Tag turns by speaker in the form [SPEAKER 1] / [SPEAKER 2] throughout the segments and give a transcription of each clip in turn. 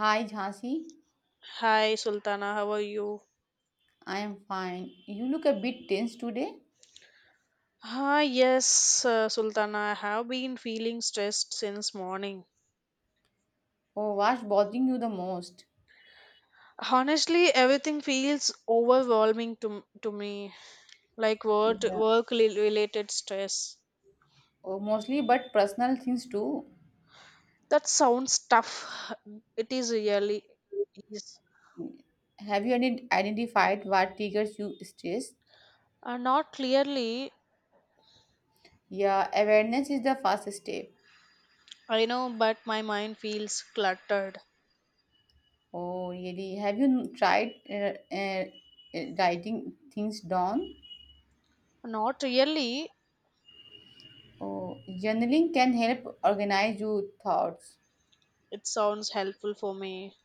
[SPEAKER 1] Hi Jhansi,
[SPEAKER 2] Hi Sultana, how are you?
[SPEAKER 1] I am fine. You look a bit tense today.
[SPEAKER 2] Yes, Sultana, I have been feeling stressed since morning.
[SPEAKER 1] Oh, what's bothering you the most?
[SPEAKER 2] Honestly, everything feels overwhelming to me, like work,
[SPEAKER 1] Yeah.
[SPEAKER 2] work rel- related stress.
[SPEAKER 1] Oh, mostly, but personal things too.
[SPEAKER 2] That sounds tough. It is really is.
[SPEAKER 1] Have you identified what triggers you stress?
[SPEAKER 2] Not clearly.
[SPEAKER 1] Yeah, awareness is the first step.
[SPEAKER 2] I know, but my mind feels cluttered.
[SPEAKER 1] Oh, really? Have you tried writing things down?
[SPEAKER 2] Not really.
[SPEAKER 1] Oh, journaling can help organize your thoughts.
[SPEAKER 2] It sounds helpful for me.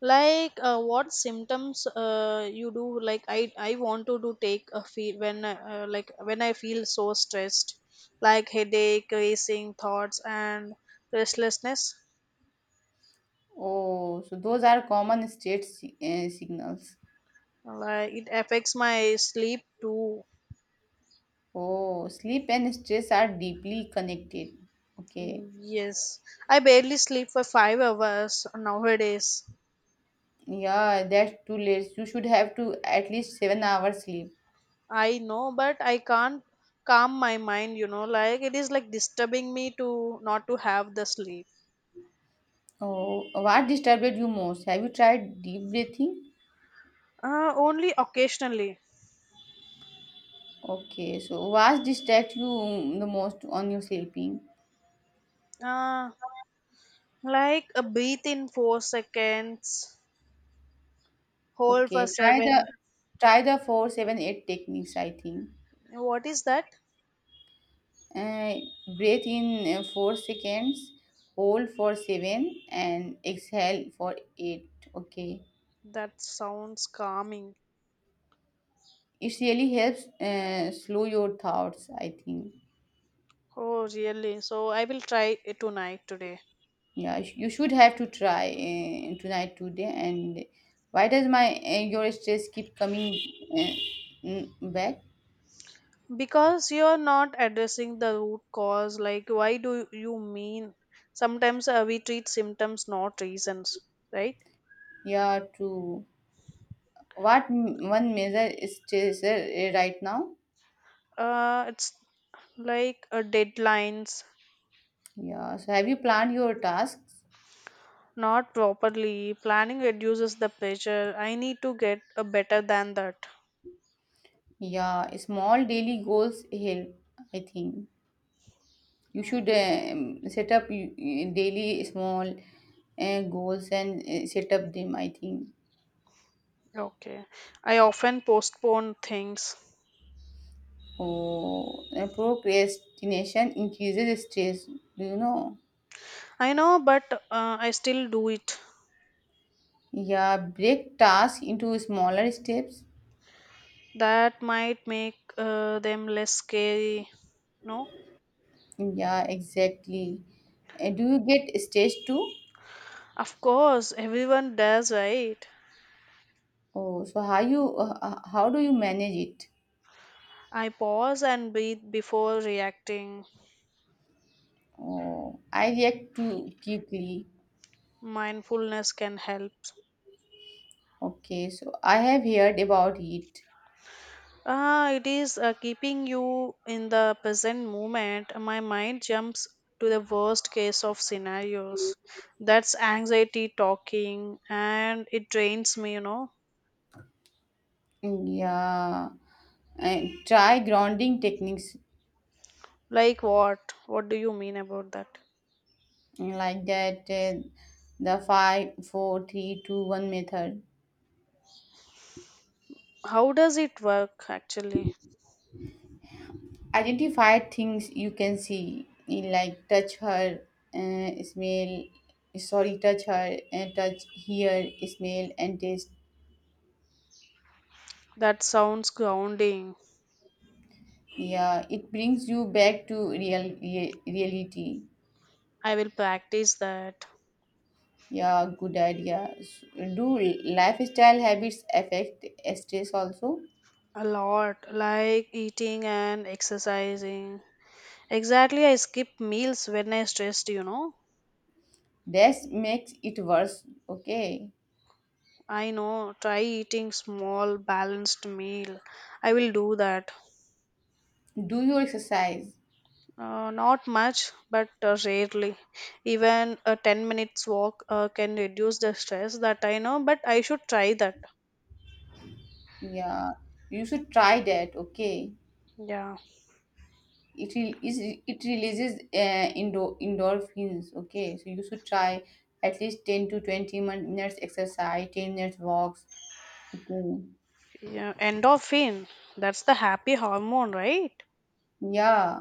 [SPEAKER 2] Like what symptoms you do? Like I want to do take a feel when like when I feel so stressed, like headache, racing thoughts, and restlessness.
[SPEAKER 1] Oh, so those are common signals.
[SPEAKER 2] Like it affects my sleep too.
[SPEAKER 1] Oh, sleep and stress are deeply connected. Okay.
[SPEAKER 2] Yes, I barely sleep for 5 hours nowadays.
[SPEAKER 1] Yeah, that's too late. You should have to at least 7 hours sleep.
[SPEAKER 2] I know, but I can't calm my mind. You know, like it is like disturbing me to not to have the sleep.
[SPEAKER 1] Oh, what disturbed you most? Have you tried deep breathing?
[SPEAKER 2] Only occasionally.
[SPEAKER 1] Okay, so what distract you the most on your sleeping?
[SPEAKER 2] Uh, like a breathe in 4 seconds, hold for
[SPEAKER 1] Okay,
[SPEAKER 2] 7.
[SPEAKER 1] try the 4-7-8 techniques, I think.
[SPEAKER 2] What is that?
[SPEAKER 1] Uh, Breathe in 4 seconds, hold for seven, and exhale for 8. Okay.
[SPEAKER 2] That sounds calming.
[SPEAKER 1] It really helps slow your thoughts, I think.
[SPEAKER 2] Oh, really? So I will try it tonight today.
[SPEAKER 1] Yeah, you should have to try tonight today. And why does my your stress keep coming uh, back.
[SPEAKER 2] Because you're not addressing the root cause, like why do you mean? Sometimes we treat symptoms, not reasons, right?
[SPEAKER 1] Yeah, one major stressor right now.
[SPEAKER 2] It's like deadlines.
[SPEAKER 1] Yeah, so have you planned your tasks?
[SPEAKER 2] Not properly. Planning reduces the pressure. I need to get a better than that.
[SPEAKER 1] Yeah, small daily goals help, I think. You
[SPEAKER 2] Mm.
[SPEAKER 1] should set up daily small goals and set up them, I think.
[SPEAKER 2] Okay. I often postpone things.
[SPEAKER 1] Oh, procrastination increases stress. Do you know?
[SPEAKER 2] I know, but I still do it.
[SPEAKER 1] Yeah, break tasks into smaller steps.
[SPEAKER 2] That might make them less scary. No?
[SPEAKER 1] Yeah, exactly. Do you get stage two?
[SPEAKER 2] Of course, everyone does, right?
[SPEAKER 1] Oh, so how do you manage it?
[SPEAKER 2] I pause and breathe before reacting.
[SPEAKER 1] Oh, I react too quickly.
[SPEAKER 2] Mindfulness can help.
[SPEAKER 1] Okay, so I have heard about it.
[SPEAKER 2] It is keeping you in the present moment. My mind jumps to the worst case of scenarios. That's anxiety talking, and it drains me, you know.
[SPEAKER 1] Yeah, and try grounding techniques
[SPEAKER 2] Like what? What do you mean about that?
[SPEAKER 1] like that. The five, four, three, two, one method.
[SPEAKER 2] How does it work actually?
[SPEAKER 1] Identify things you can see in, like, uh, smell touch, her touch, hear, smell and taste.
[SPEAKER 2] That sounds grounding.
[SPEAKER 1] Yeah, it brings you back to reality.
[SPEAKER 2] I will practice that
[SPEAKER 1] Yeah, good idea, do lifestyle habits affect stress also.
[SPEAKER 2] a lot, like eating and exercising. Exactly, I skip meals when I stressed, you know.
[SPEAKER 1] That makes it worse. Okay,
[SPEAKER 2] I know, try eating small balanced meal. I will do that.
[SPEAKER 1] do your exercise.
[SPEAKER 2] Not much, but rarely. Even a 10 minutes walk can reduce the stress that I know, but I should try that.
[SPEAKER 1] Yeah, you should try that. Okay,
[SPEAKER 2] Yeah.
[SPEAKER 1] is it releases endorphins. Okay, so you should try at least 10 to 20 minutes exercise, 10 minutes walks. Okay.
[SPEAKER 2] Yeah, endorphin. That's the happy hormone, right?
[SPEAKER 1] Yeah.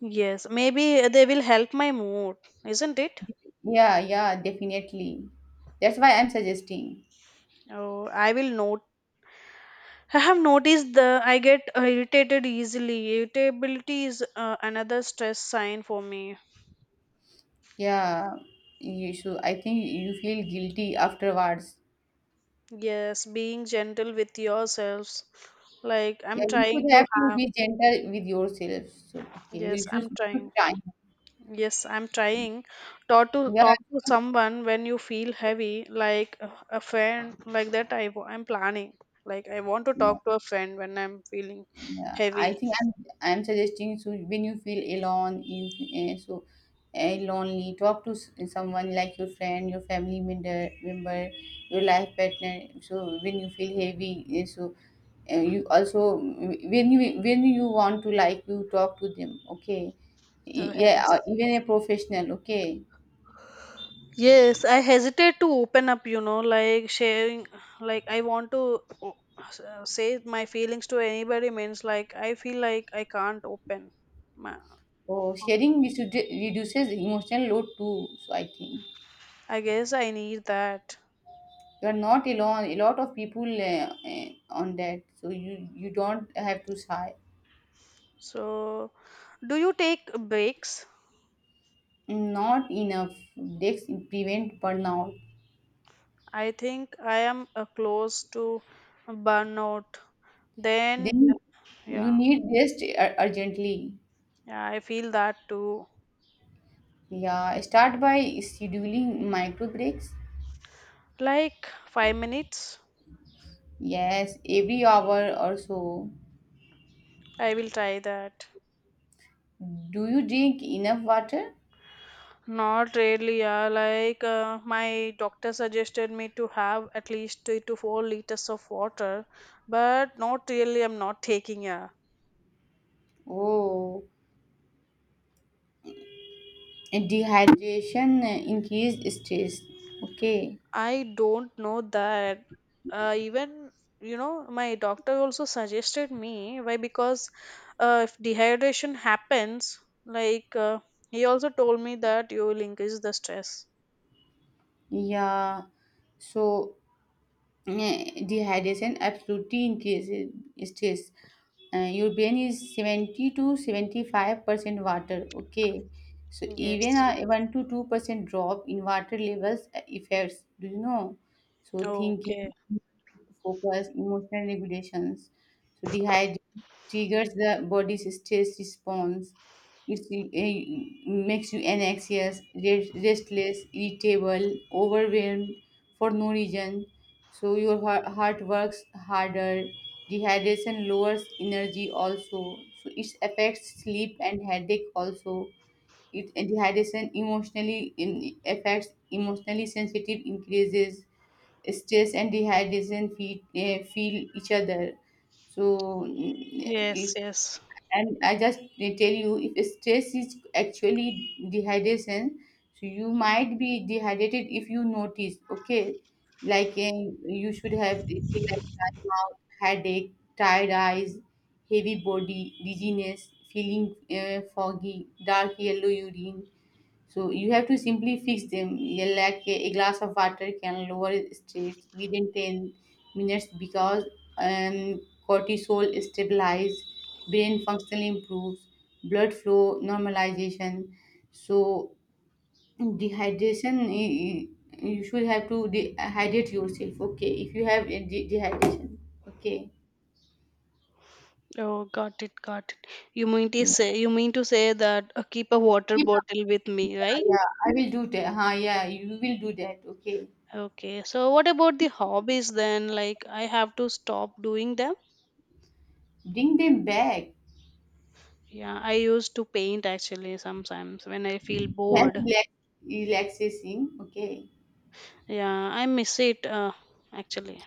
[SPEAKER 2] Yes, maybe they will help my mood, isn't it?
[SPEAKER 1] Yeah, yeah, definitely. That's why I'm suggesting.
[SPEAKER 2] Oh, I will note. I have noticed the I get irritated easily. Irritability is another stress sign for me.
[SPEAKER 1] Yeah, you should, I think, you feel guilty afterwards.
[SPEAKER 2] Yes, being gentle with yourselves. Like I'm
[SPEAKER 1] Yeah, you
[SPEAKER 2] trying
[SPEAKER 1] should
[SPEAKER 2] to
[SPEAKER 1] have to
[SPEAKER 2] have
[SPEAKER 1] be gentle with yourself. So okay,
[SPEAKER 2] yes, I'm
[SPEAKER 1] you should
[SPEAKER 2] trying.
[SPEAKER 1] try.
[SPEAKER 2] Yes, I'm trying. Talk to
[SPEAKER 1] Yeah.
[SPEAKER 2] talk to someone when you feel heavy, like a friend, like that I'm planning. Like I want to talk to a friend when I'm feeling
[SPEAKER 1] Yeah,
[SPEAKER 2] heavy.
[SPEAKER 1] I think I'm suggesting so when you feel alone, you so lonely, talk to someone like your friend, your family member, your life partner. So when you feel heavy, you also when you want to, like, you talk to them. Okay, yeah,
[SPEAKER 2] Yes.
[SPEAKER 1] or even a professional. Okay,
[SPEAKER 2] Yes, I hesitate to open up, you know, like sharing, like I want to say my feelings to anybody means like I feel like I can't open. My
[SPEAKER 1] oh, sharing reduces emotional load too, so I think.
[SPEAKER 2] I guess I need that.
[SPEAKER 1] You're not alone, a lot of people on that, so you don't have to sigh.
[SPEAKER 2] So, do you take breaks?
[SPEAKER 1] Not enough. This prevent burnout.
[SPEAKER 2] I think I am close to burnout. Then,
[SPEAKER 1] Then you
[SPEAKER 2] yeah,
[SPEAKER 1] need rest urgently.
[SPEAKER 2] yeah, I feel that too.
[SPEAKER 1] Yeah, start by scheduling micro breaks,
[SPEAKER 2] Like 5 minutes,
[SPEAKER 1] yes, every hour or so.
[SPEAKER 2] I will try that.
[SPEAKER 1] Do you drink enough water?
[SPEAKER 2] Not really, yeah. Like my doctor suggested me to have at least 3 to 4 liters of water, but not really. I'm not taking, yeah.
[SPEAKER 1] Oh, and dehydration increase stress. Okay.
[SPEAKER 2] I don't know that. Even you know, my doctor also suggested me why because if dehydration happens, like uh, he also told me that you will increase the stress.
[SPEAKER 1] Yeah, so Uh, dehydration absolutely increases stress. Your brain is 70 to 75% water. Okay, so even
[SPEAKER 2] Yes.
[SPEAKER 1] a 1 to 2% drop in water levels affects, do you know? So
[SPEAKER 2] Okay.
[SPEAKER 1] thinking, focus, emotional regulations. So dehydration triggers the body's stress response. It makes you anxious, restless, irritable, overwhelmed for no reason. So your heart works harder. Dehydration lowers energy also, so it affects sleep and headache also. It and dehydration affects emotionally sensitive increases stress, and dehydration feel each other. So
[SPEAKER 2] Yes. Yes.
[SPEAKER 1] and I just tell you, if stress is actually dehydration, so you might be dehydrated if you notice. Okay, like you should have feel like dry mouth, headache, tired eyes, heavy body, dizziness, feeling foggy, dark yellow urine. So you have to simply fix them. Yeah, like a glass of water can lower stress within 10 minutes because um, cortisol stabilizes, brain function improves, blood flow normalization. So dehydration, you should have to dehydrate yourself. Okay, if you have a dehydration, okay.
[SPEAKER 2] Oh, got it. Got it. You mean to
[SPEAKER 1] Yeah,
[SPEAKER 2] say you mean to say that keep a water
[SPEAKER 1] keep up.
[SPEAKER 2] bottle with
[SPEAKER 1] Yeah,
[SPEAKER 2] me, right?
[SPEAKER 1] yeah. I will do that. Huh, yeah, you will do that. Okay.
[SPEAKER 2] Okay. So what about the hobbies then? Like I have to stop doing that.
[SPEAKER 1] Bring them back.
[SPEAKER 2] Yeah, I used to paint actually sometimes when I feel
[SPEAKER 1] Yes,
[SPEAKER 2] bored.
[SPEAKER 1] relaxation. Okay.
[SPEAKER 2] Yeah, I miss it actually.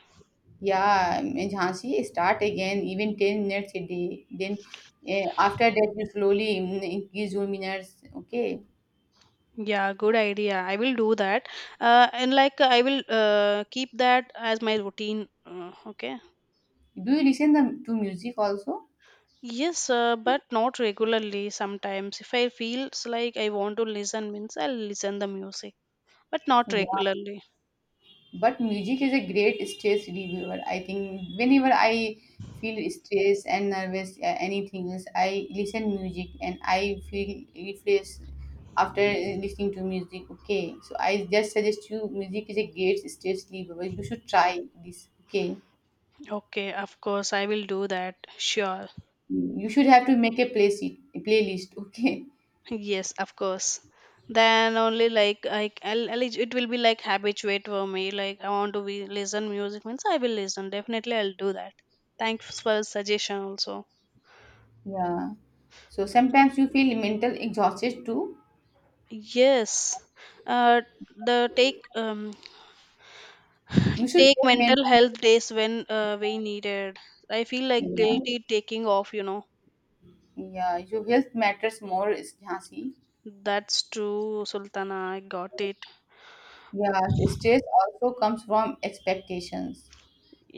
[SPEAKER 1] Yeah, in Jhansi, start again, even 10 minutes a day. Then after that, you slowly increase your minutes. Okay.
[SPEAKER 2] Yeah, good idea. I will do that. And like I will keep that as my routine. Okay.
[SPEAKER 1] Do you to music also?
[SPEAKER 2] Yes, but not regularly. Sometimes, if I feels like I want to listen, means I'll listen the music, but not
[SPEAKER 1] Yeah.
[SPEAKER 2] regularly.
[SPEAKER 1] But music is a great stress reliever, I think. Whenever I feel stressed and nervous, anything else, I listen music and I feel refreshed after listening to music. Okay, so I just suggest you, music is a great stress reliever. You should try this, okay?
[SPEAKER 2] Okay, of course I will do that. Sure.
[SPEAKER 1] You should have to make a playlist, okay?
[SPEAKER 2] Yes, of course. Then only like it will be like habituate for me. Like I want to be listen music means I will listen. Definitely I'll do that. Thanks for suggestion also.
[SPEAKER 1] Yeah, so sometimes you feel mental exhausted too.
[SPEAKER 2] Yes. Uh the take
[SPEAKER 1] You should
[SPEAKER 2] take
[SPEAKER 1] get mental.
[SPEAKER 2] mental health days when we needed. I feel like
[SPEAKER 1] Yeah.
[SPEAKER 2] guilty taking off, you know.
[SPEAKER 1] Yeah, your health matters more, is Jhansi.
[SPEAKER 2] That's true, Sultana. I got it.
[SPEAKER 1] Yeah, so stress also comes from expectations.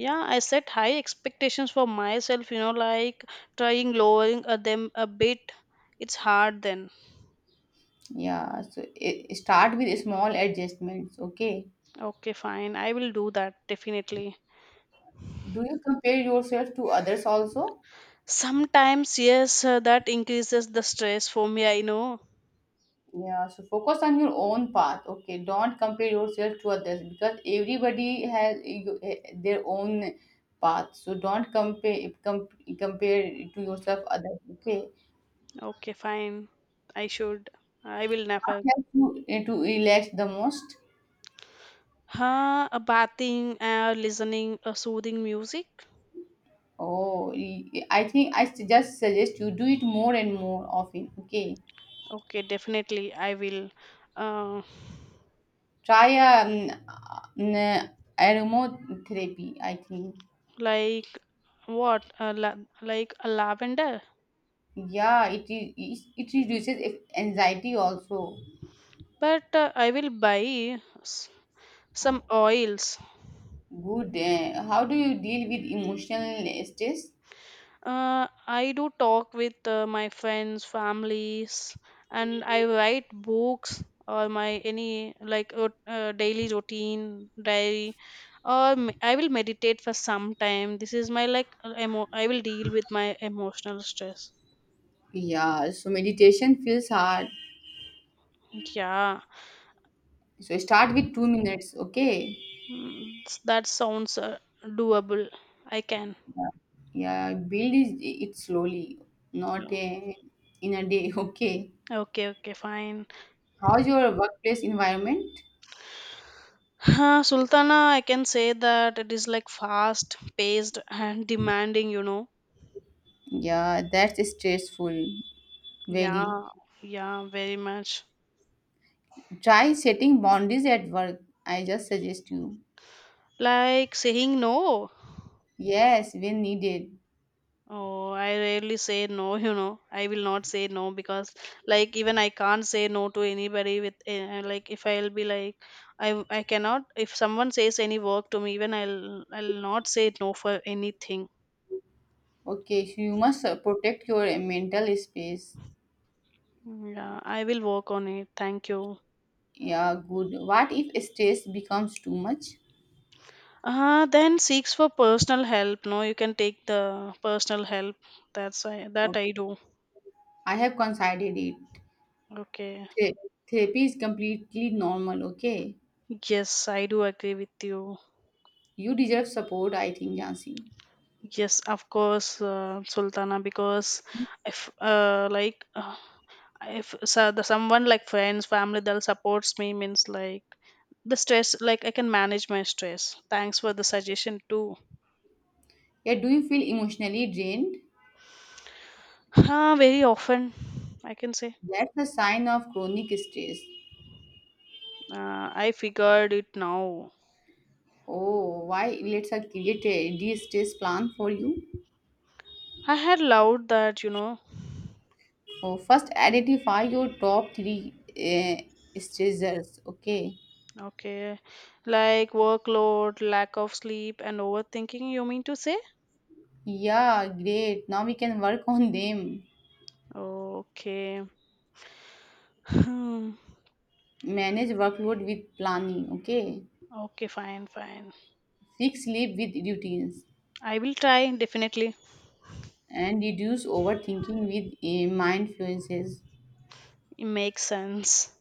[SPEAKER 2] Yeah, I set high expectations for myself, you know, like trying lowering them a bit. It's hard then.
[SPEAKER 1] Yeah, so it, start with small adjustments. Okay.
[SPEAKER 2] Okay, fine, I will do that definitely.
[SPEAKER 1] Do you compare yourself to others also?
[SPEAKER 2] Sometimes yes, that increases the stress for me, I know.
[SPEAKER 1] Yeah, so focus on your own path. Okay, don't compare yourself to others, because everybody has their own path. So don't compare to yourself others. Okay,
[SPEAKER 2] Okay, fine. I should. I will never.
[SPEAKER 1] help you to relax the most.
[SPEAKER 2] A bathing, listening a soothing music.
[SPEAKER 1] Oh, I think I just suggest you do it more and more often. Okay.
[SPEAKER 2] Okay, definitely I will. uh,
[SPEAKER 1] Try an aromatherapy, I think.
[SPEAKER 2] like what a la- like a lavender.
[SPEAKER 1] Yeah, it reduces anxiety also.
[SPEAKER 2] But I will buy some oils.
[SPEAKER 1] Good. How do you deal with emotional stress?
[SPEAKER 2] I do talk with my friends, families, and I write books or my any like daily routine diary or I will meditate for some time. This is my like I will deal with my emotional stress.
[SPEAKER 1] Yeah, so meditation feels hard.
[SPEAKER 2] Yeah.
[SPEAKER 1] So start with 2 minutes, okay?
[SPEAKER 2] That sounds doable. I can.
[SPEAKER 1] Yeah, yeah build it slowly, not
[SPEAKER 2] No.
[SPEAKER 1] in a day, okay?
[SPEAKER 2] Okay, okay, fine.
[SPEAKER 1] How's your workplace environment?
[SPEAKER 2] Sultana, I can say that it is like fast paced and demanding, you know.
[SPEAKER 1] Yeah, that's stressful, very.
[SPEAKER 2] Yeah, yeah, very much.
[SPEAKER 1] Try setting boundaries at work. I just suggest you.
[SPEAKER 2] Like saying no.
[SPEAKER 1] Yes, when needed.
[SPEAKER 2] Oh, I rarely say no, you know. I will not say no because, like, even I can't say no to anybody with, like, if I'll be like, I cannot, if someone says any work to me, even I'll not say no for anything.
[SPEAKER 1] Okay, so you must protect your mental space.
[SPEAKER 2] Yeah, I will work on it. Thank you.
[SPEAKER 1] Yeah, good. What if stress becomes too much?
[SPEAKER 2] Then seeks for personal help. No, you can take the personal help. That's I
[SPEAKER 1] Okay.
[SPEAKER 2] do.
[SPEAKER 1] I have considered it.
[SPEAKER 2] Okay.
[SPEAKER 1] Thera- Therapy is completely normal, okay?
[SPEAKER 2] Yes, I do agree with you.
[SPEAKER 1] You deserve support, I think, Jansi.
[SPEAKER 2] Yes, of course, Sultana. Because if uh, like uh, if so the someone like friends, family that supports me means like the stress. Like I can manage my stress. Thanks for the suggestion too.
[SPEAKER 1] Yeah, do you feel emotionally drained?
[SPEAKER 2] Very often, I can say.
[SPEAKER 1] That's a sign of chronic stress.
[SPEAKER 2] I figured it now.
[SPEAKER 1] Oh, why? Let's create a de stress plan for you.
[SPEAKER 2] I had loved that, you know.
[SPEAKER 1] Oh, first identify your top three stressors. Okay.
[SPEAKER 2] Okay. Like workload, lack of sleep, and overthinking, you mean to say?
[SPEAKER 1] Yeah, great. Now we can work on them.
[SPEAKER 2] Okay. Hmm.
[SPEAKER 1] Manage workload with planning. Okay.
[SPEAKER 2] Okay, fine, fine.
[SPEAKER 1] Fix sleep with routines
[SPEAKER 2] I will try, definitely.
[SPEAKER 1] and reduce overthinking with mindfulness.
[SPEAKER 2] It makes sense.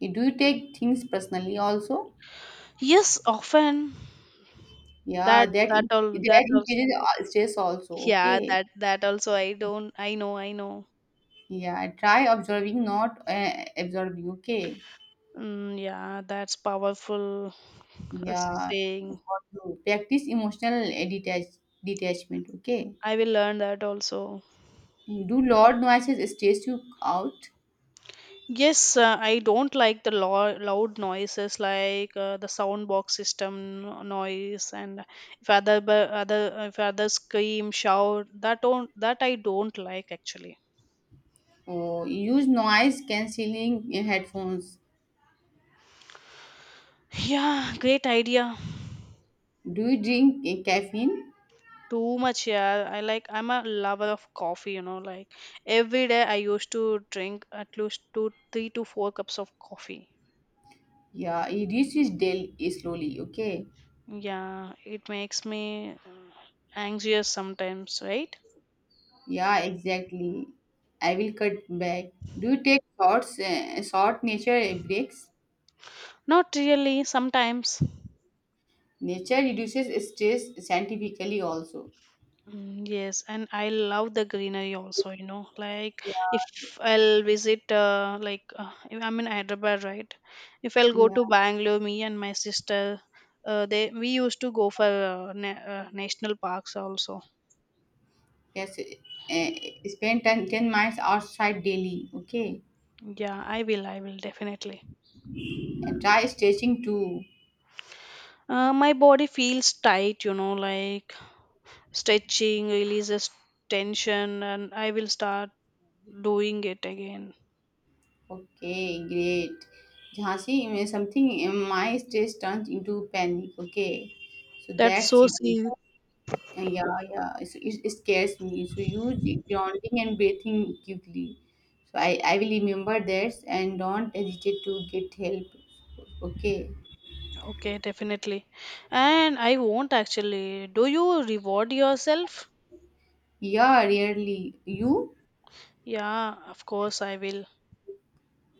[SPEAKER 1] Do you take things personally also?
[SPEAKER 2] Yes, often.
[SPEAKER 1] Yeah,
[SPEAKER 2] that that all that
[SPEAKER 1] that
[SPEAKER 2] also
[SPEAKER 1] increases stress also.
[SPEAKER 2] yeah,
[SPEAKER 1] Okay.
[SPEAKER 2] that that also I don't I know, I know.
[SPEAKER 1] Yeah, try observing, not absorbing. Okay.
[SPEAKER 2] Yeah, that's powerful
[SPEAKER 1] Yeah,
[SPEAKER 2] saying.
[SPEAKER 1] got to practice emotional detachment. Okay,
[SPEAKER 2] I will learn that also.
[SPEAKER 1] do loud noises stress you out?
[SPEAKER 2] Yes, I don't like the loud noises like the sound box system noise, and if other bu- other if others scream, shout, that don't that I don't like actually.
[SPEAKER 1] Or use noise cancelling headphones.
[SPEAKER 2] Yeah, great idea.
[SPEAKER 1] Do you drink caffeine?
[SPEAKER 2] Too much, yeah. I like I'm a lover of coffee, you know. Like every day, I used to drink at least two, 3 to 4 cups of coffee.
[SPEAKER 1] Yeah, it reduces daily slowly. Okay,
[SPEAKER 2] Yeah, it makes me anxious sometimes, right?
[SPEAKER 1] yeah, exactly. I will cut back. Do you take short nature breaks?
[SPEAKER 2] Not really, sometimes.
[SPEAKER 1] Nature reduces stress scientifically also.
[SPEAKER 2] Yes, and I love the greenery also, you know. Like
[SPEAKER 1] Yeah,
[SPEAKER 2] if I'll visit if I'm in Hyderabad, right? If I'll go to
[SPEAKER 1] yeah.
[SPEAKER 2] Bangalore, me and my sister, they we used to go for na national parks also.
[SPEAKER 1] Yes, spend 10 minutes outside daily. Okay,
[SPEAKER 2] Yeah, I will definitely.
[SPEAKER 1] and try stretching too.
[SPEAKER 2] My body feels tight, you know, like stretching releases tension, and I will start doing it again.
[SPEAKER 1] Okay, great. Jhansi, something in my stress turns into panic. Okay, so
[SPEAKER 2] That's
[SPEAKER 1] that's
[SPEAKER 2] so
[SPEAKER 1] it.
[SPEAKER 2] serious.
[SPEAKER 1] Yeah, it, it scares me. So use grounding and breathing quickly. So I will remember this and don't hesitate to get help. Okay.
[SPEAKER 2] Okay, definitely. And I won't actually. Do you reward yourself?
[SPEAKER 1] Yeah, really. You?
[SPEAKER 2] Yeah, of course I will.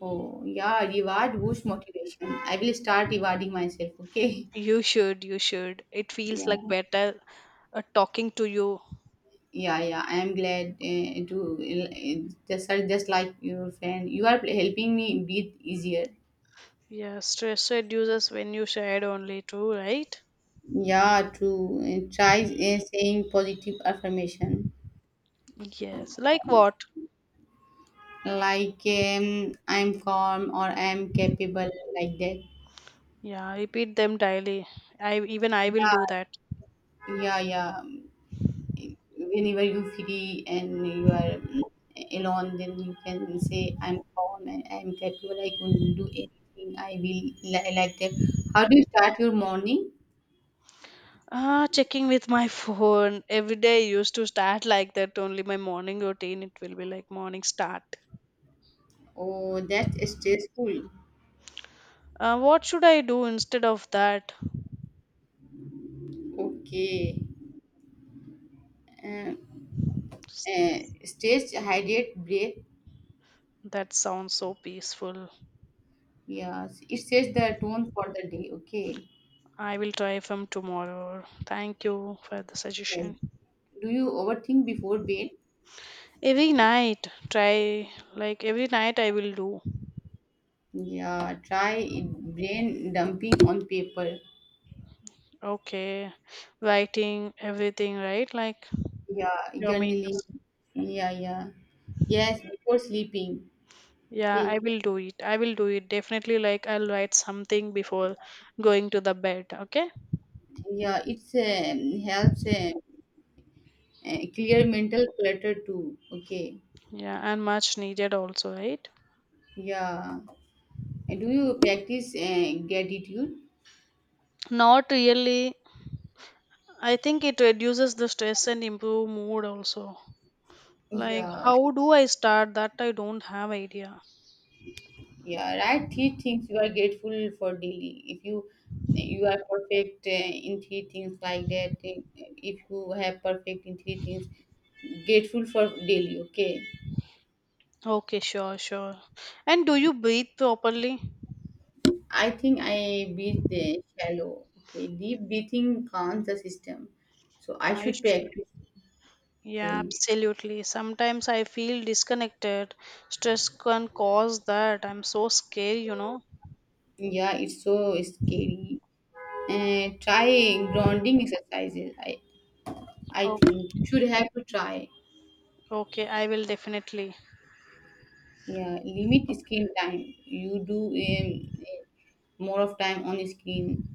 [SPEAKER 1] Oh, yeah, reward boosts motivation. I will start rewarding myself, okay?
[SPEAKER 2] You should, you should. It feels
[SPEAKER 1] Yeah,
[SPEAKER 2] like better talking to you.
[SPEAKER 1] yeah. I am glad to just like your friend. You are helping me breathe easier.
[SPEAKER 2] Yeah, stress reduces when you shared only too, right?
[SPEAKER 1] Yeah, true. Try saying positive affirmation
[SPEAKER 2] Yes. Like what?
[SPEAKER 1] like I'm calm or I'm capable, like that.
[SPEAKER 2] Yeah, repeat them daily. I will do
[SPEAKER 1] Yeah,
[SPEAKER 2] that.
[SPEAKER 1] yeah, yeah. Whenever you free and you are alone, then you can say, I'm calm and I'm capable, I can do anything, I will, like that. How do you start your morning?
[SPEAKER 2] Checking with my phone every day used to start like that. Only my morning routine. It will be like morning start.
[SPEAKER 1] Oh, that's stressful.
[SPEAKER 2] What should I do instead of that?
[SPEAKER 1] Okay, uh, uh, stress, hydrate, breath.
[SPEAKER 2] That sounds so peaceful.
[SPEAKER 1] Yes, it sets the tone for the day, okay?
[SPEAKER 2] I will try from tomorrow. Thank you for the
[SPEAKER 1] Yes.
[SPEAKER 2] suggestion.
[SPEAKER 1] Do you overthink before bed?
[SPEAKER 2] Every night, try like every night I will do.
[SPEAKER 1] Yeah, try brain dumping on paper.
[SPEAKER 2] Okay, writing everything, right? Like
[SPEAKER 1] Yeah,
[SPEAKER 2] your main
[SPEAKER 1] journaling.
[SPEAKER 2] task.
[SPEAKER 1] Yeah, yeah. Yes, before sleeping.
[SPEAKER 2] Yeah, I
[SPEAKER 1] Okay.
[SPEAKER 2] will do it. I will do it definitely. Like I'll write something before going to the bed. Okay.
[SPEAKER 1] Yeah, it's helps, clear mental clutter too. Okay.
[SPEAKER 2] Yeah, and much needed also, right?
[SPEAKER 1] Yeah. And do you practice gratitude?
[SPEAKER 2] Not really. I think it reduces the stress and improve mood also. Like,
[SPEAKER 1] Yeah.
[SPEAKER 2] how do I start that? I don't have idea.
[SPEAKER 1] Yeah. Write three things you are grateful for daily. If you you are perfect in three things, like that. If you have perfect in three things, grateful for daily. Okay.
[SPEAKER 2] Okay, sure, sure. And do you breathe properly?
[SPEAKER 1] I think I breathe the shallow. Okay, deep breathing calms the system. So I
[SPEAKER 2] I
[SPEAKER 1] should
[SPEAKER 2] sh-
[SPEAKER 1] practice.
[SPEAKER 2] yeah,
[SPEAKER 1] Okay,
[SPEAKER 2] absolutely. Sometimes I feel disconnected. Stress can cause that. I'm so scared, you know.
[SPEAKER 1] yeah, it's so scary. And try grounding exercises. I
[SPEAKER 2] Oh,
[SPEAKER 1] think you should have to try.
[SPEAKER 2] okay, I will definitely.
[SPEAKER 1] Yeah, limit screen time. You do more of time on screen.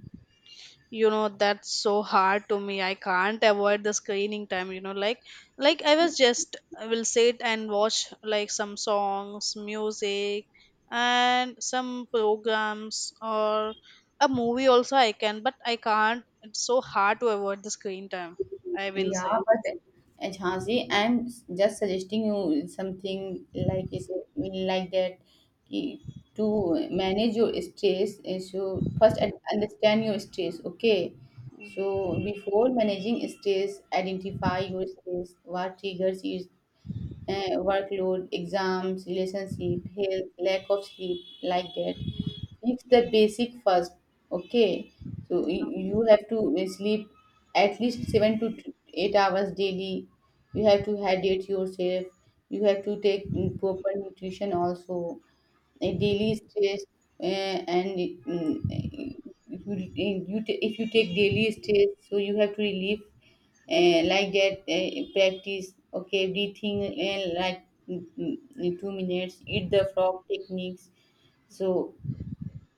[SPEAKER 2] You know, that's so hard to me. I can't avoid the screening time, you know, like I was just I will sit and watch like some songs, music and some programs or a movie also I can, but I can't. It's so hard to avoid the screen time, I will
[SPEAKER 1] Yeah,
[SPEAKER 2] say.
[SPEAKER 1] but Jhansi, I'm just suggesting you something like is like that, ki- to manage your stress. Is you first understand your stress, okay? So before managing stress, identify your stress. What triggers is workload, exams, relationship, health, lack of sleep, like that. It's the basic first, okay. So
[SPEAKER 2] Yeah,
[SPEAKER 1] you have to sleep at least 7 to 8 hours daily. You have to hydrate yourself. You have to take proper nutrition also. A daily stress, uh, and mm, if you take daily stress, so you have to relieve, like that, practice, okay? Breathing, like, 2 minutes, eat the frog techniques. So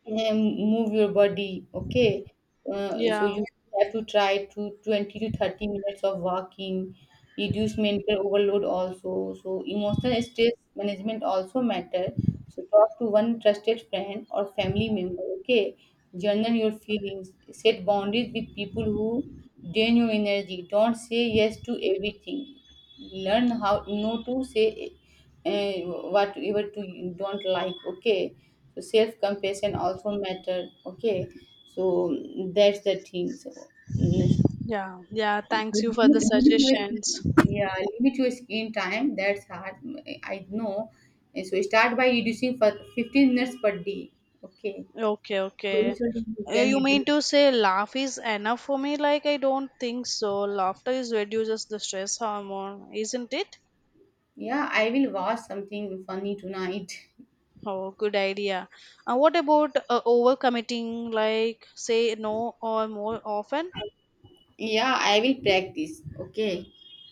[SPEAKER 1] and move your body, okay. So
[SPEAKER 2] yeah,
[SPEAKER 1] you have to try to 20 to 30 minutes of walking. Reduce mental overload also, so emotional stress management also matter. So talk to one trusted friend or family member, okay. Journal your
[SPEAKER 2] okay.
[SPEAKER 1] feelings. Set boundaries with people who drain your energy. Don't say yes to everything. Learn how no to say uh, whatever to you don't like, okay. So self compassion also matter, okay. So that's the thing. So mm,
[SPEAKER 2] Yeah, yeah, thanks you for the
[SPEAKER 1] limit your
[SPEAKER 2] suggestions.
[SPEAKER 1] yeah, limit your screen time. That's hard. I know. And so start by reducing for 15 minutes per day, okay.
[SPEAKER 2] Okay,
[SPEAKER 1] Slowly
[SPEAKER 2] okay.
[SPEAKER 1] slowly you can
[SPEAKER 2] You mean
[SPEAKER 1] reduce.
[SPEAKER 2] to say laugh is enough for me? Like, I don't think so. Laughter is reduces the stress hormone, isn't it?
[SPEAKER 1] Yeah, I will watch something funny tonight.
[SPEAKER 2] Oh, good idea. What about overcommitting? Like, say no or more often?
[SPEAKER 1] Yeah, I will practice, okay.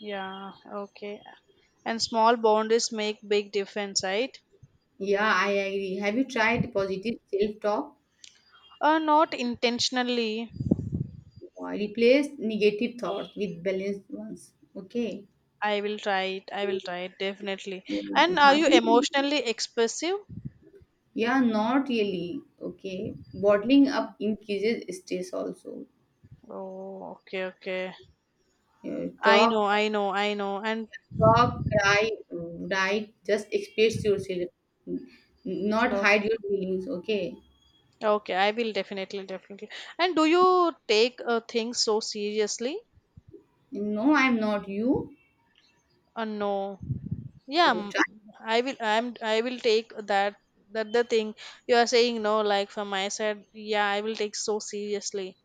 [SPEAKER 2] Yeah, okay. And small boundaries make big difference, right?
[SPEAKER 1] Yeah, I agree. Have you tried positive self talk?
[SPEAKER 2] Not intentionally.
[SPEAKER 1] Replace negative thoughts with balanced ones, okay.
[SPEAKER 2] I will try it. I will try it definitely.
[SPEAKER 1] Yeah,
[SPEAKER 2] And
[SPEAKER 1] it
[SPEAKER 2] are you emotionally expressive?
[SPEAKER 1] Yeah, not really. Okay. Bottling up increases stress also.
[SPEAKER 2] Oh, okay, okay.
[SPEAKER 1] Yeah,
[SPEAKER 2] I know,
[SPEAKER 1] talk,
[SPEAKER 2] I know, I know. And
[SPEAKER 1] talk, cry, write, just express yourself. N- Not hide
[SPEAKER 2] okay,
[SPEAKER 1] your feelings, okay?
[SPEAKER 2] okay, I will definitely, definitely. And do you take things so seriously?
[SPEAKER 1] No, I'm not you.
[SPEAKER 2] No. Yeah,
[SPEAKER 1] You
[SPEAKER 2] m-
[SPEAKER 1] Try,
[SPEAKER 2] I will. I'm. I will take that. That the thing you are saying. No, like from my side, yeah, I will take so seriously.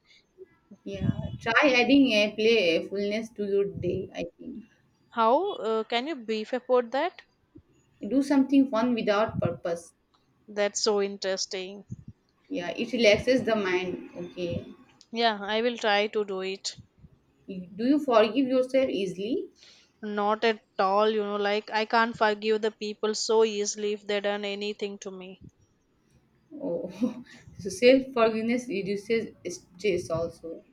[SPEAKER 1] yeah, try adding a playfulness to your day, I think.
[SPEAKER 2] How can you brief about that?
[SPEAKER 1] Do something fun without purpose.
[SPEAKER 2] That's so interesting.
[SPEAKER 1] Yeah, it relaxes the mind, okay?
[SPEAKER 2] Yeah, I will try to do it.
[SPEAKER 1] Do you forgive yourself easily?
[SPEAKER 2] Not at all, you know, like I can't forgive the people so easily if they done anything to me.
[SPEAKER 1] Oh, so self forgiveness reduces stress also.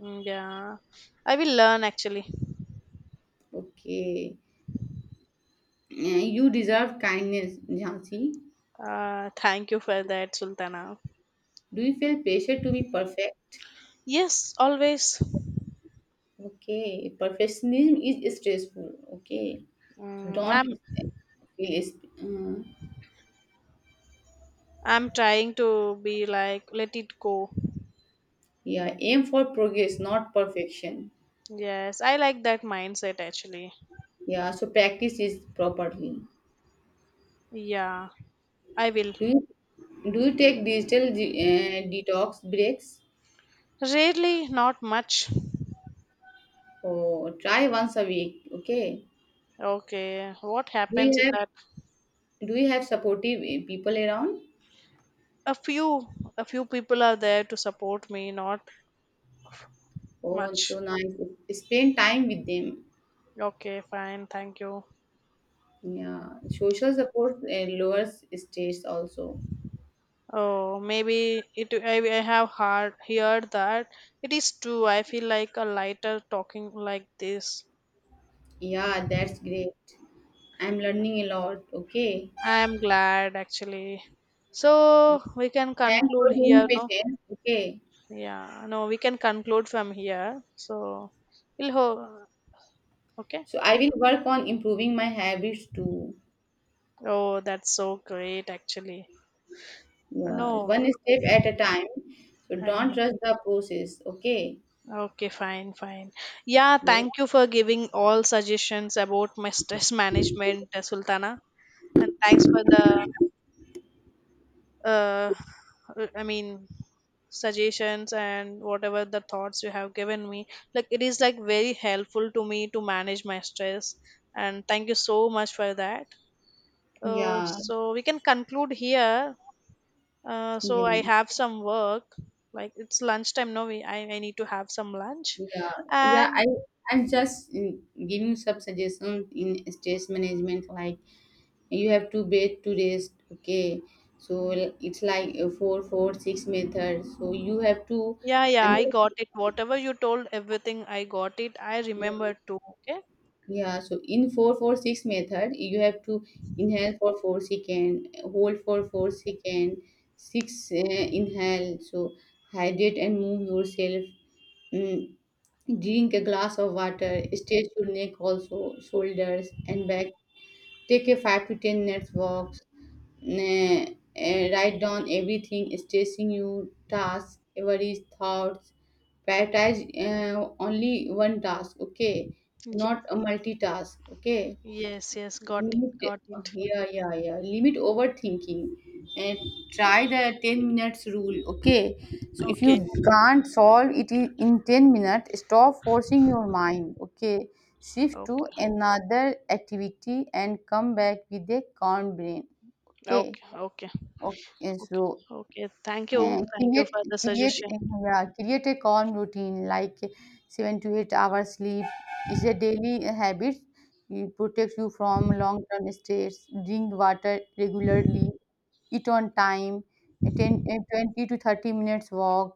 [SPEAKER 2] Yeah, I will learn actually.
[SPEAKER 1] Okay. Uh, You deserve kindness, Jhansi.
[SPEAKER 2] Thank you for that, Sultana.
[SPEAKER 1] Do you feel pressure to be perfect?
[SPEAKER 2] Yes, always.
[SPEAKER 1] Okay. Perfectionism is stressful. Okay. So
[SPEAKER 2] Mm,
[SPEAKER 1] don't
[SPEAKER 2] I'm
[SPEAKER 1] feel. Uh,
[SPEAKER 2] I'm trying to be like let it go.
[SPEAKER 1] yeah. Aim for progress, not perfection.
[SPEAKER 2] Yes, I like that mindset actually.
[SPEAKER 1] Yeah. So practice this properly.
[SPEAKER 2] Yeah, I will.
[SPEAKER 1] Do you do you take digital detox breaks?
[SPEAKER 2] Rarely, not much.
[SPEAKER 1] Oh, try once a week. Okay.
[SPEAKER 2] Okay, what
[SPEAKER 1] Do you
[SPEAKER 2] happens in
[SPEAKER 1] have
[SPEAKER 2] that?
[SPEAKER 1] Do you have supportive people around?
[SPEAKER 2] A few, a few people are there to support me. Not
[SPEAKER 1] Oh, it's
[SPEAKER 2] much.
[SPEAKER 1] so nice. Spend time with them.
[SPEAKER 2] Okay, fine. Thank you.
[SPEAKER 1] Yeah, social support lowers stress also.
[SPEAKER 2] Oh, maybe it. I have heard that it is true. I feel like a lighter talking like this.
[SPEAKER 1] Yeah, that's great. I'm learning a lot. Okay.
[SPEAKER 2] I am glad actually. So we can
[SPEAKER 1] Thanks
[SPEAKER 2] conclude
[SPEAKER 1] for being
[SPEAKER 2] here. No,
[SPEAKER 1] patient. Okay.
[SPEAKER 2] yeah, no, we can conclude from here. So we'll ho. Okay.
[SPEAKER 1] So I will work on improving my habits too.
[SPEAKER 2] Oh, that's so great actually.
[SPEAKER 1] Yeah,
[SPEAKER 2] No,
[SPEAKER 1] one step at a time. So don't
[SPEAKER 2] I.
[SPEAKER 1] rush the process. Okay.
[SPEAKER 2] Okay, fine, fine. Yeah,
[SPEAKER 1] Yeah.
[SPEAKER 2] thank you for giving all suggestions about my stress management, Sultana, and thanks for the uh, i mean suggestions and whatever the thoughts you have given me, like it is like very helpful to me to manage my stress, and thank you so much for that. uh,
[SPEAKER 1] Yeah.
[SPEAKER 2] so we can conclude here. So
[SPEAKER 1] Yeah.
[SPEAKER 2] I have some work, like it's lunchtime now. I need to have some lunch
[SPEAKER 1] Yeah, yeah. I
[SPEAKER 2] and
[SPEAKER 1] I'm just giving some suggestions in stress management. Like, you have to breathe to rest. Okay, so it's like a 4-4-6 method. So you have to,
[SPEAKER 2] yeah, yeah,
[SPEAKER 1] and,
[SPEAKER 2] I got it. Whatever you told, everything I got it, I
[SPEAKER 1] Mm,
[SPEAKER 2] remember too. Okay.
[SPEAKER 1] yeah. So in 4-4-6 method, you have to inhale for 4 second, hold for 4 second, six, inhale. So hydrate and move yourself. mm, Drink a glass of water, stretch your neck also, shoulders and back. Take a 5 to 10 minutes walk. Write down everything, stressing your tasks, worries, thoughts. Prioritize, only one task, okay? Not a multitask, okay?
[SPEAKER 2] Yes, yes, got it,
[SPEAKER 1] Limit,
[SPEAKER 2] got it.
[SPEAKER 1] yeah, yeah, yeah. Limit overthinking and try the 10 minutes rule. Okay. So if you
[SPEAKER 2] Okay,
[SPEAKER 1] can't solve in 10 minutes, stop forcing your mind. Okay. Shift to
[SPEAKER 2] okay.
[SPEAKER 1] another activity and come back with a calm brain. Okay.
[SPEAKER 2] Okay, okay,
[SPEAKER 1] Okay. So
[SPEAKER 2] okay, okay. Thank you. Thank you
[SPEAKER 1] create
[SPEAKER 2] for the
[SPEAKER 1] create
[SPEAKER 2] suggestion.
[SPEAKER 1] yeah, create a calm routine, like 7 to 8 hours sleep is a daily habit, it protects you from long term stress. Drink water regularly. Eat on time. A a 20 to 30 minutes walk.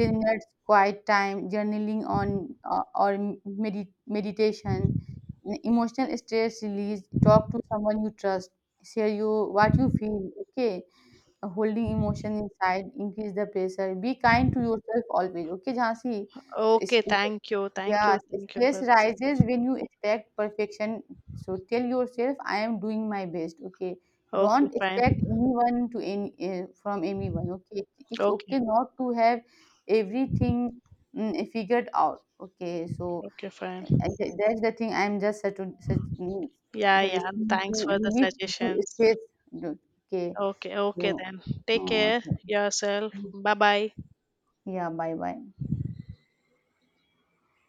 [SPEAKER 1] 10 minutes quiet time journaling on or meditation. Emotional stress release, talk to someone you trust, share you what you feel, okay. Holding emotion inside increase the pressure. Be kind to yourself always. Okay, Jhansi. So
[SPEAKER 2] Okay,
[SPEAKER 1] stress,
[SPEAKER 2] thank you. Thank
[SPEAKER 1] yeah,
[SPEAKER 2] you. Thank you for
[SPEAKER 1] stress
[SPEAKER 2] the
[SPEAKER 1] rises
[SPEAKER 2] suggestion.
[SPEAKER 1] when you expect perfection. So tell yourself, I am doing my best. Okay,
[SPEAKER 2] Okay,
[SPEAKER 1] don't
[SPEAKER 2] fine.
[SPEAKER 1] expect anyone to any from anyone. Okay, it's
[SPEAKER 2] Okay,
[SPEAKER 1] okay not to have everything, figured out. Okay, so
[SPEAKER 2] okay, fine.
[SPEAKER 1] that's the thing. I'm just to
[SPEAKER 2] Yeah, yeah.
[SPEAKER 1] suggesting to
[SPEAKER 2] Thanks for the
[SPEAKER 1] relieve to
[SPEAKER 2] suggestions.
[SPEAKER 1] stress. Okay,
[SPEAKER 2] Okay, okay
[SPEAKER 1] so,
[SPEAKER 2] then. Take
[SPEAKER 1] Uh,
[SPEAKER 2] care
[SPEAKER 1] so-
[SPEAKER 2] yourself. Bye bye.
[SPEAKER 1] yeah, bye bye.